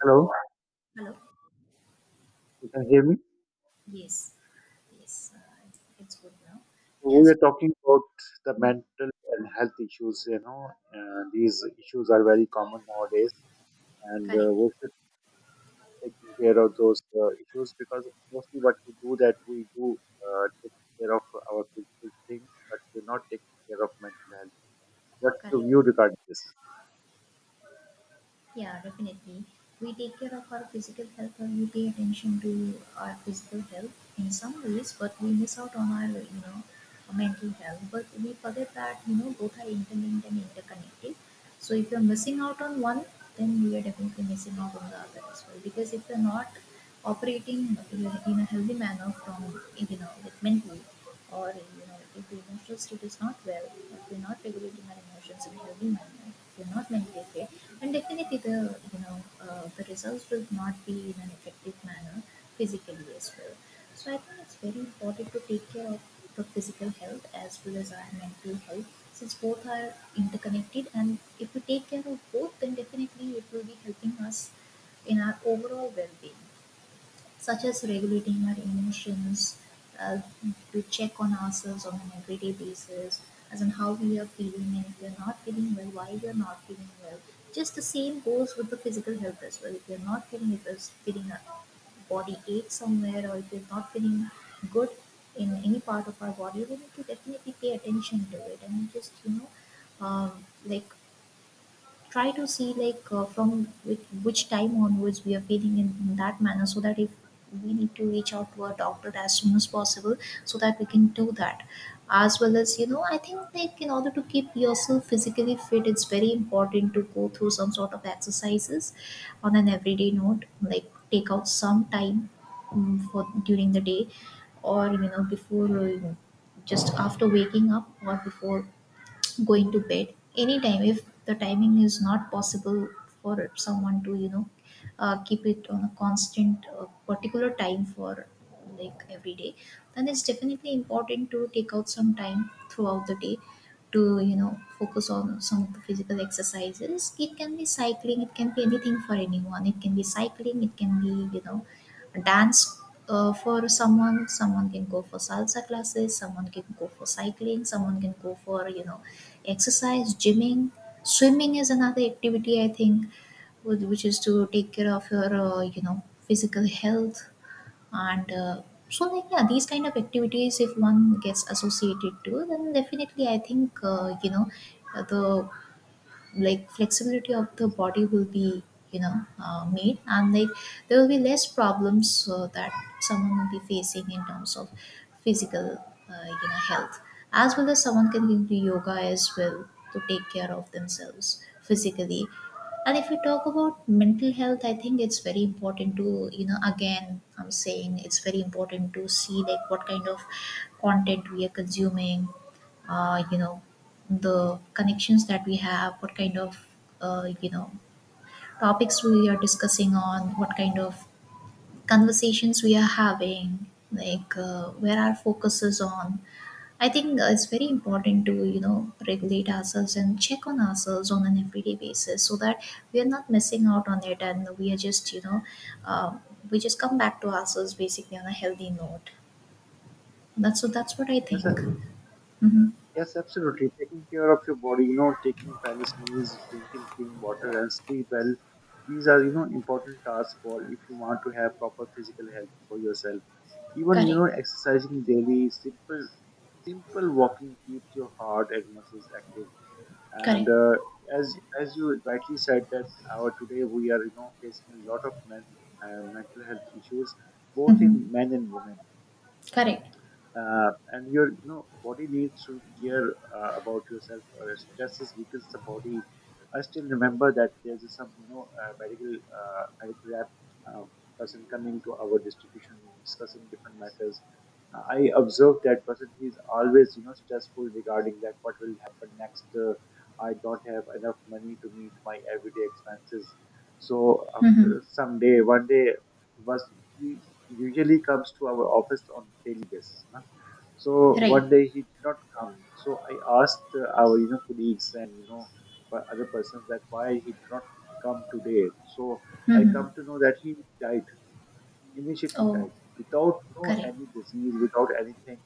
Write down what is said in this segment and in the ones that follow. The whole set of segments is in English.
Hello, Hello. you can hear me? Yes. Yes. It's good now. So Yeah. we So are talking about the mental and health issues. These issues are very common nowadays, and correct. We should take care of those issues because mostly what we do that we do take care of our physical things, but we're not taking care of mental health. What's your Correct. view regarding this? Yeah, definitely. We take care of our physical health, or we pay attention to our physical health in some ways, but we miss out on our, mental health. But we forget that, both are interlinked and interconnected. So if you're missing out on one, then you are definitely missing out on the other as well. Because if you're not operating in a healthy manner from, like mentally, or, you know, if the emotional state is not well, if you're not regulating our emotions in a healthy manner, if you're not mentally fit, and definitely the you know the results will not be in an effective manner physically as well. So I think it's very important to take care of the physical health as well as our mental health, since both are interconnected, and if we take care of both, then definitely it will be helping us in our overall well-being, such as regulating our emotions. Uh, to check on ourselves on an everyday basis, as in how we are feeling, and if we are not feeling well, why we are not feeling well. Just the same goes with the physical health as well. If we are not feeling, if we are feeling a body ache somewhere, or if we are not feeling good in any part of our body, we need to definitely pay attention to it and just you know like try to see from which time onwards we are feeling in that manner, so that if we need to reach out to a doctor as soon as possible, so that we can do that. As well as, I think, like, in order to keep yourself physically fit, it's very important to go through some sort of exercises on an everyday note, like take out some time for during the day, or you know before just after waking up or before going to bed. Anytime, if the timing is not possible for someone to keep it on a constant particular time for like every day, then it's definitely important to take out some time throughout the day to, you know, focus on some of the physical exercises. It can be cycling, it can be anything for anyone. It can be cycling, it can be, you know, dance. For someone can go for salsa classes, someone can go for cycling, someone can go for, you know, exercise, gymming, swimming is another activity, I think, which is to take care of your physical health. And uh, so like, yeah, these kind of activities, if one gets associated to, then definitely I think, the like flexibility of the body will be, made, and like there will be less problems that someone will be facing in terms of physical health. As well as someone can do yoga as well to take care of themselves physically. And if we talk about mental health, I think it's very important to, you know, again, I'm saying, it's very important to see like what kind of content we are consuming, uh, you know the connections that we have, what kind of uh, you know topics we are discussing on, what kind of conversations we are having, where our focus is on. I think it's very important to, you know, regulate ourselves and check on ourselves on an everyday basis, so that we are not missing out on it, and we are just uh, we just come back to ourselves, basically, on a healthy note. That's what I Yes, think. sir. Mm-hmm. Yes, absolutely. Taking care of your body, you know, taking balanced meals, drinking clean water, and sleep well. These are, you know, important tasks for if you want to have proper physical health for yourself. Even, you Correct. know, exercising daily, simple walking keeps your heart and muscles active. And Correct. as you rightly said that our today we are, you know, facing a lot of mental health issues, both Mm-hmm. in men and women Correct. And your you know body needs to care about yourself, stresses weakens the body. I still remember that there's some medical medical rep, uh, person coming to our distribution, discussing different matters. I observed that person he's always you know stressful regarding that what will happen next. I don't have enough money to meet my everyday expenses. So Mm-hmm. after some day, 1 day was he usually comes to our office on daily basis. So Right. 1 day he did not come. So I asked our you know colleagues and other persons that why he did not come today. So I Mhm. come to know that he died. He immediately Oh, died without you know correct. any disease, without anything.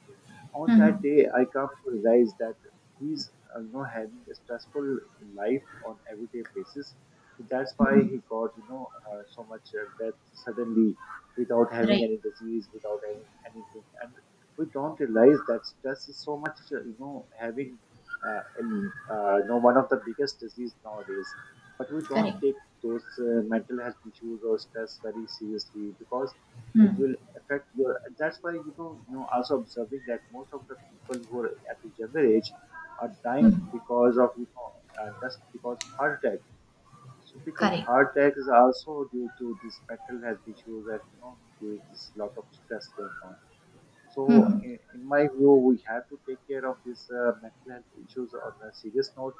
On that Mhm. day, I come to realize that he's you know having a stressful life on everyday basis. So that's why Mhm. he got you know so much death suddenly without having Right. any disease, without having anything. And we don't realize that stress is so much you know having you know one of the biggest disease nowadays, but we Correct. don't take those mental health issues or stress very seriously because it Mhm. will affect your that's why you know also observing that most of the people who are at a younger age are dying Mhm. because of you know just because of heart attack. So because Correct. heart attack is also due to this mental health issues and you know due to this lot of stress going on. So, Mhm. In my view, we have to take care of these mental health issues on a serious note.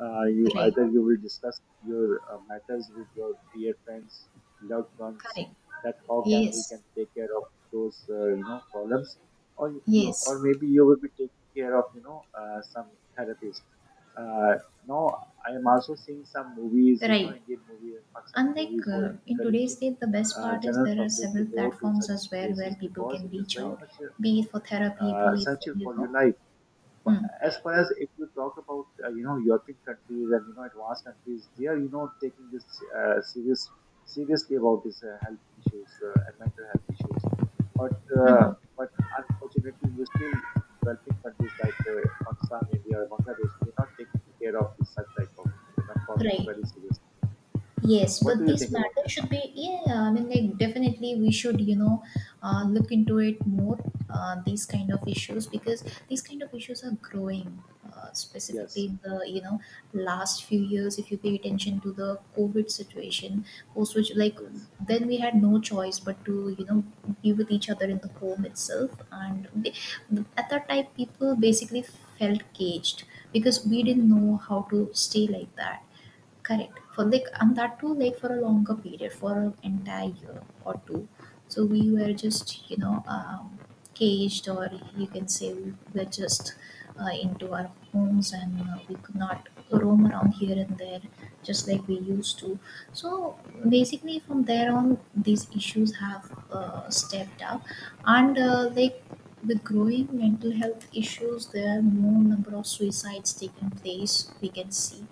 You Right. either you will discuss your matters with your dear friends, loved ones, Correct. that how can we Yes. can take care of those you know problems, or or Yes. maybe you will be taking care of you know some therapist. Uh, Now I am also seeing some movies, you know, Right. Indian movies and Pakistani And movies who are in today's encouraging day, the best part is general there are public to several go to platforms such as well where places people because can it is reach very out, much you be know it for therapy, be it for, essential you for your know. life. But Mm. as far as if you talk about you know European countries and you know advanced countries, they are you know taking this uh, serious seriously about these health issues and mental health issues. But uh, Mhm. but unfortunately, we still in developing countries like Pakistan, India, or Bangladesh, we're not taking care of these such type of you know problems Right. very seriously. Yes, What but do you these think about matters this? should be, yeah, I mean, like, definitely we should, you know, look into it more, these kind of issues, because these kind of issues are growing, specifically Yes, in the, you know, last few years. If you pay attention to the COVID situation, post which, like, yes. then we had no choice but to, you know, be with each other in the home itself. And they, at that time, people basically felt caged, because we didn't know how to stay like that. Correct. For like, and that too, like, for a longer period, for an entire year or two. So we were just, caged, or you can say we were just into our homes, and we could not roam around here and there just like we used to. So basically, from there on, these issues have stepped up, and like, with growing mental health issues, there are more number of suicides taking place, we can see,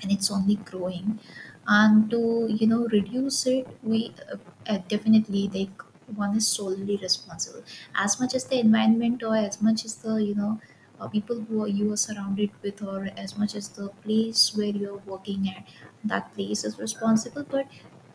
and it's only growing. And to, you know, reduce it, we uh, definitely, like, one is solely responsible as much as the environment, or as much as the, people who are, you are surrounded with, or as much as the place where you're working at, that place is responsible. But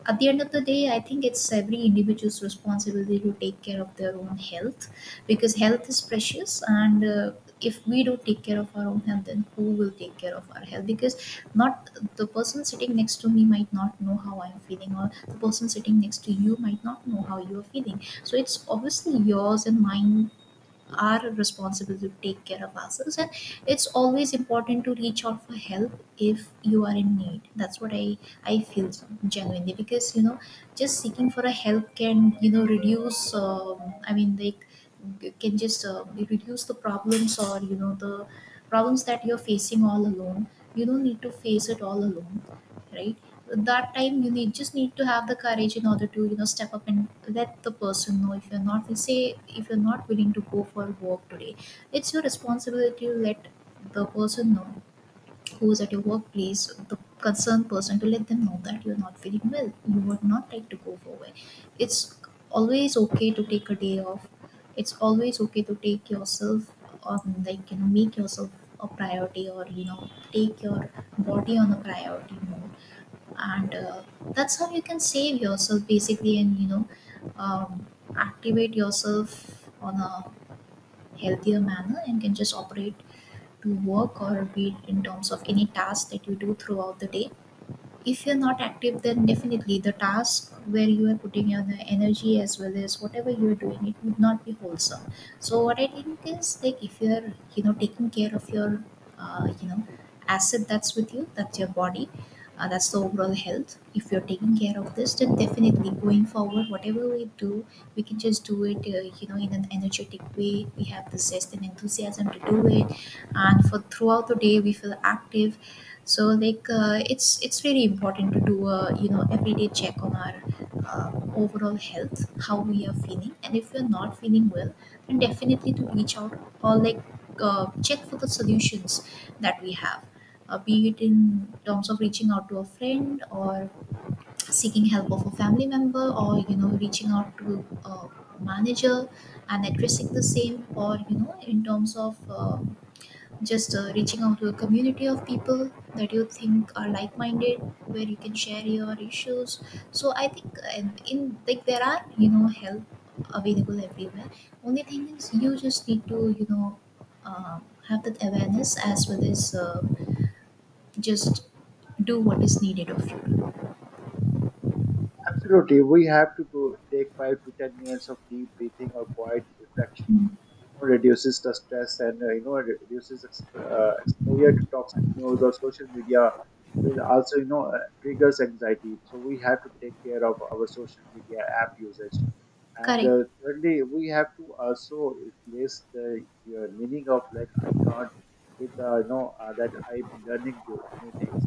at the end of the day, I think it's every individual's responsibility to take care of their own health, because health is precious. And if we don't take care of our own health, then who will take care of our health? Because not, the person sitting next to me might not know how I'm feeling, or the person sitting next to you might not know how you're feeling. So it's obviously yours and mine are responsible to take care of ourselves. And it's always important to reach out for help if you are in need. That's what I feel, genuinely, because, you know, just seeking for a help can, you know, reduce, it can just reduce the problems, or, you know, the problems that you're facing all alone. You don't need to face it all alone, right? That time you need, just need to have the courage in order to, you know, step up and let the person know. If you're not, say, if you're not willing to go for work today, it's your responsibility to let the person know, who is at your workplace, the concerned person, to let them know that you're not feeling well, you would not like to go for work. It's always okay to take a day off. It's always okay to take yourself on, like, you know, make yourself a priority, or, you know, take your body on a priority mode. And that's how you can save yourself, basically, and, um, activate yourself on a healthier manner, and can just operate to work, or be it in terms of any task that you do throughout the day. If you're not active, then definitely the task where you are putting your energy, as well as whatever you're doing, it would not be wholesome. So what I think is, like, if you're, you know, taking care of your uh, you know asset that's with you, that's your body, that's the overall health, if you're taking care of this, then definitely going forward, whatever we do, we can just do it, you know, in an energetic way. We have the zest and enthusiasm to do it, and for throughout the day we feel active. So it's very important to do a, you know, everyday check on our overall health, how we are feeling, and if we're not feeling well, then definitely to reach out, or like, check for the solutions that we have, be it in terms of reaching out to a friend, or seeking help of a family member, or, you know, reaching out to a manager and addressing the same, or, you know, in terms of just reaching out to a community of people that you think are like-minded, where you can share your issues. So I think, in like there are, you know, help available everywhere. Only thing is, you just need to, have that awareness, as well as just do what is needed of you. Absolutely. We have to do, take 5 to 10 minutes of deep breathing or quiet reflection. Hmm. Know, reduces the stress and you know reduces exposure to toxic news or social media will also you know triggers anxiety, so we have to take care of our social media app usage. And Correct. Thirdly, we have to also replace the meaning of like I can't with the you know that I'm learning new things.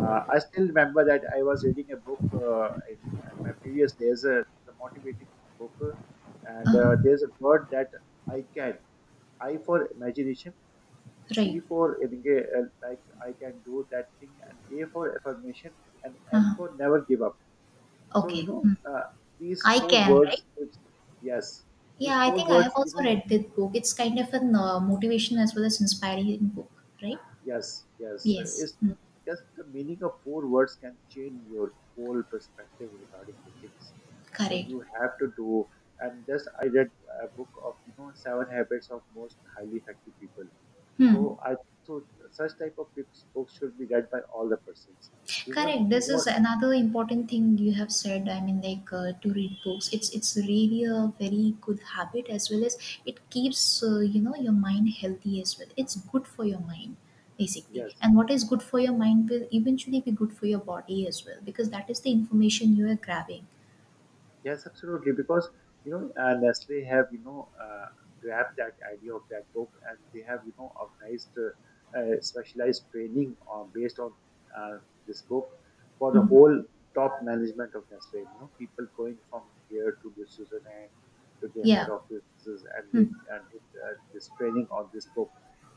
I still remember that I was reading a book, and my previous there's a motivating book, and Uh-huh. there's a word that I can. I for imagination, Right. C for I can do that thing, and A for affirmation, and N Uh-huh. for never give up. So Okay. you know Hmm. uh, these I four can. words Right. gives. Yes, Yeah, these I four think I have words you also know. read that book. It's kind of an motivation as well as inspiring book. Right. Yes, yes. Yes, It's mm, not just the meaning of four words can change your whole perspective regarding the things. So correct. you have to do. And just I read a book of you know 7 habits of most highly effective people. Hmm. So I think so such type of books should be read by all the persons. Even Correct. you This know, is another important thing you have said. I mean, like, to read books. It's really a very good habit, as well as it keeps, you know, your mind healthy as well. It's good for your mind, basically, yes. and what is good for your mind will eventually be good for your body as well, because that is the information you are grabbing. Yes, absolutely. Because you know, Nestle have you know grabbed that idea of that book, and they have you know organized specialized training on based on uh, this book for the Mhm. whole top management of Nestle. You know, people going from here to the Switzerland to their head Yeah. offices, and Hmm. they and it, this training on this book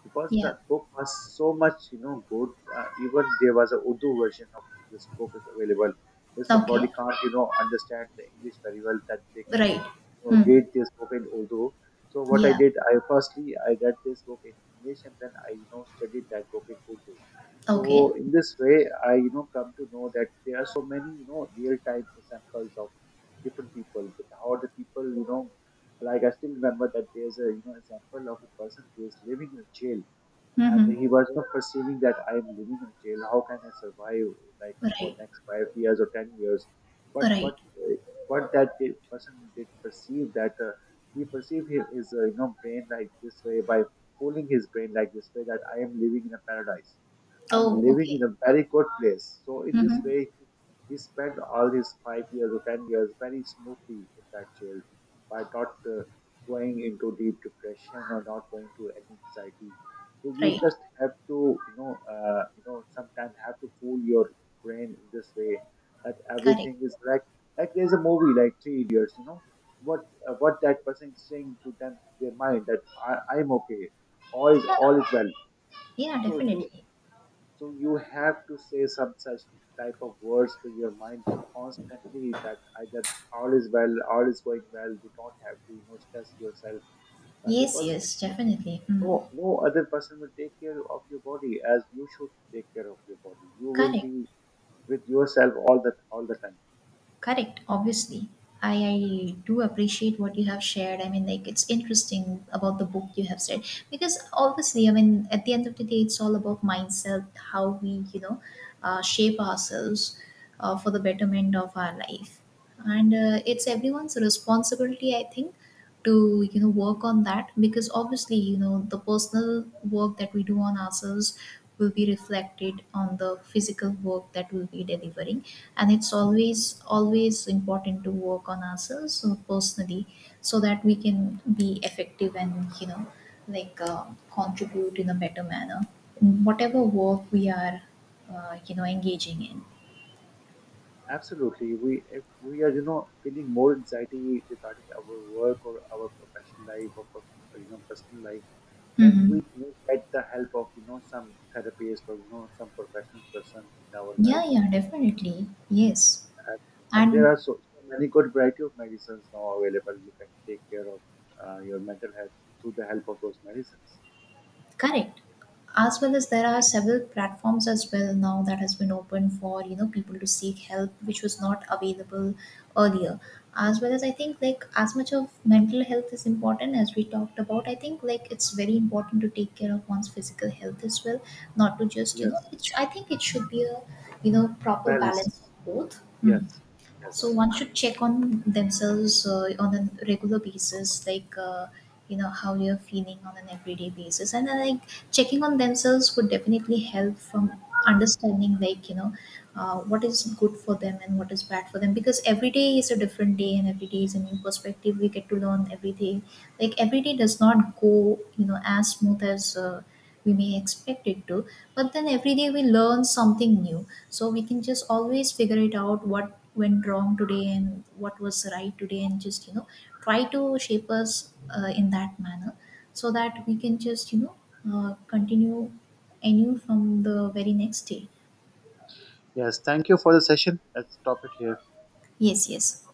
because Yeah. that book was so much you know good. Even there was a Urdu version of this book is available if Okay. somebody can't you know understand the English very well that they can Right. you know Hmm. read this book in Urdu. So what I Yeah. did, I firstly I read this book in English, and then I you know studied that book in Urdu. Okay. So in this way, I you know come to know that there are so many you know real time examples of different people with how the people you know, like I still remember that there's a you know example of a person who is living in a jail, and Mm-hmm. he was not perceiving that I am living in jail. How can I survive like for Right. next 5 years or 10 years? But Right. What that person did perceive that he perceived his you know brain like this way by fooling his brain like this way that I am living in a paradise. I'm Oh, living okay. in a very good place. So in this Mhm. way, he spent all his 5 years or 10 years very smoothly in that jail by not going into deep depression or not going to any anxiety. So you Right. just have to, you know, sometimes have to fool your brain in this way that Correct. everything is like there's a movie like Three Idiots, you know, what what that person is saying to them, their mind that I'm okay, Yeah. all is well. Yeah, So to definitely. so you have to say some such type of words to your mind constantly that either all is well, all is going well. You don't have to, you know, stress yourself Yes, because yes, definitely. Mm. No other person will take care of your body as you should take care of your body. You will Correct. be with yourself all the time. Correct. Obviously. I do appreciate what you have shared. I mean, like, it's interesting about the book you have said. Because obviously, I mean, at the end of the day, it's all about mindset, how we, you know, shape ourselves for the betterment of our life. And it's everyone's responsibility, I think, to, you know, work on that, because obviously, you know, the personal work that we do on ourselves will be reflected on the physical work that we'll be delivering. And it's always, always important to work on ourselves, so personally, so that we can be effective and, you know, like uh, contribute in a better manner in whatever work we are engaging in. Absolutely, we if we are you know feeling more anxiety regarding our work or our professional life or, or you know personal life, then Hmm. we may get the help of you know some therapist or you know some professional person in our life. Yeah, yeah, definitely, yes. And, and there And are so many good variety of medicines now available. You can take care of your mental health through the help of those medicines. correct. As well as there are several platforms as well now that has been open for, you know, people to seek help, which was not available earlier. As well as I think, like, as much of mental health is important as we talked about, I think, like, it's very important to take care of one's physical health as well, not to just, you know. Yes, It's, I think it should be a, you know, proper balance. balance of both. Hmm. Yes, So yes, one should check on themselves on a regular basis, like, you know, how you're feeling on an everyday basis, and then, like, checking on themselves would definitely help from understanding, like, you know, what is good for them and what is bad for them, because every day is a different day and every day is a new perspective we get to learn every day. Like, every day does not go, you know, as smooth as we may expect it to, but then every day we learn something new, so we can just always figure it out what went wrong today and what was right today, and just, you know, try to shape us in that manner, so that we can just, you know, continue anew from the very next day. yes. Thank you for the session. Let's stop it here. Yes, yes.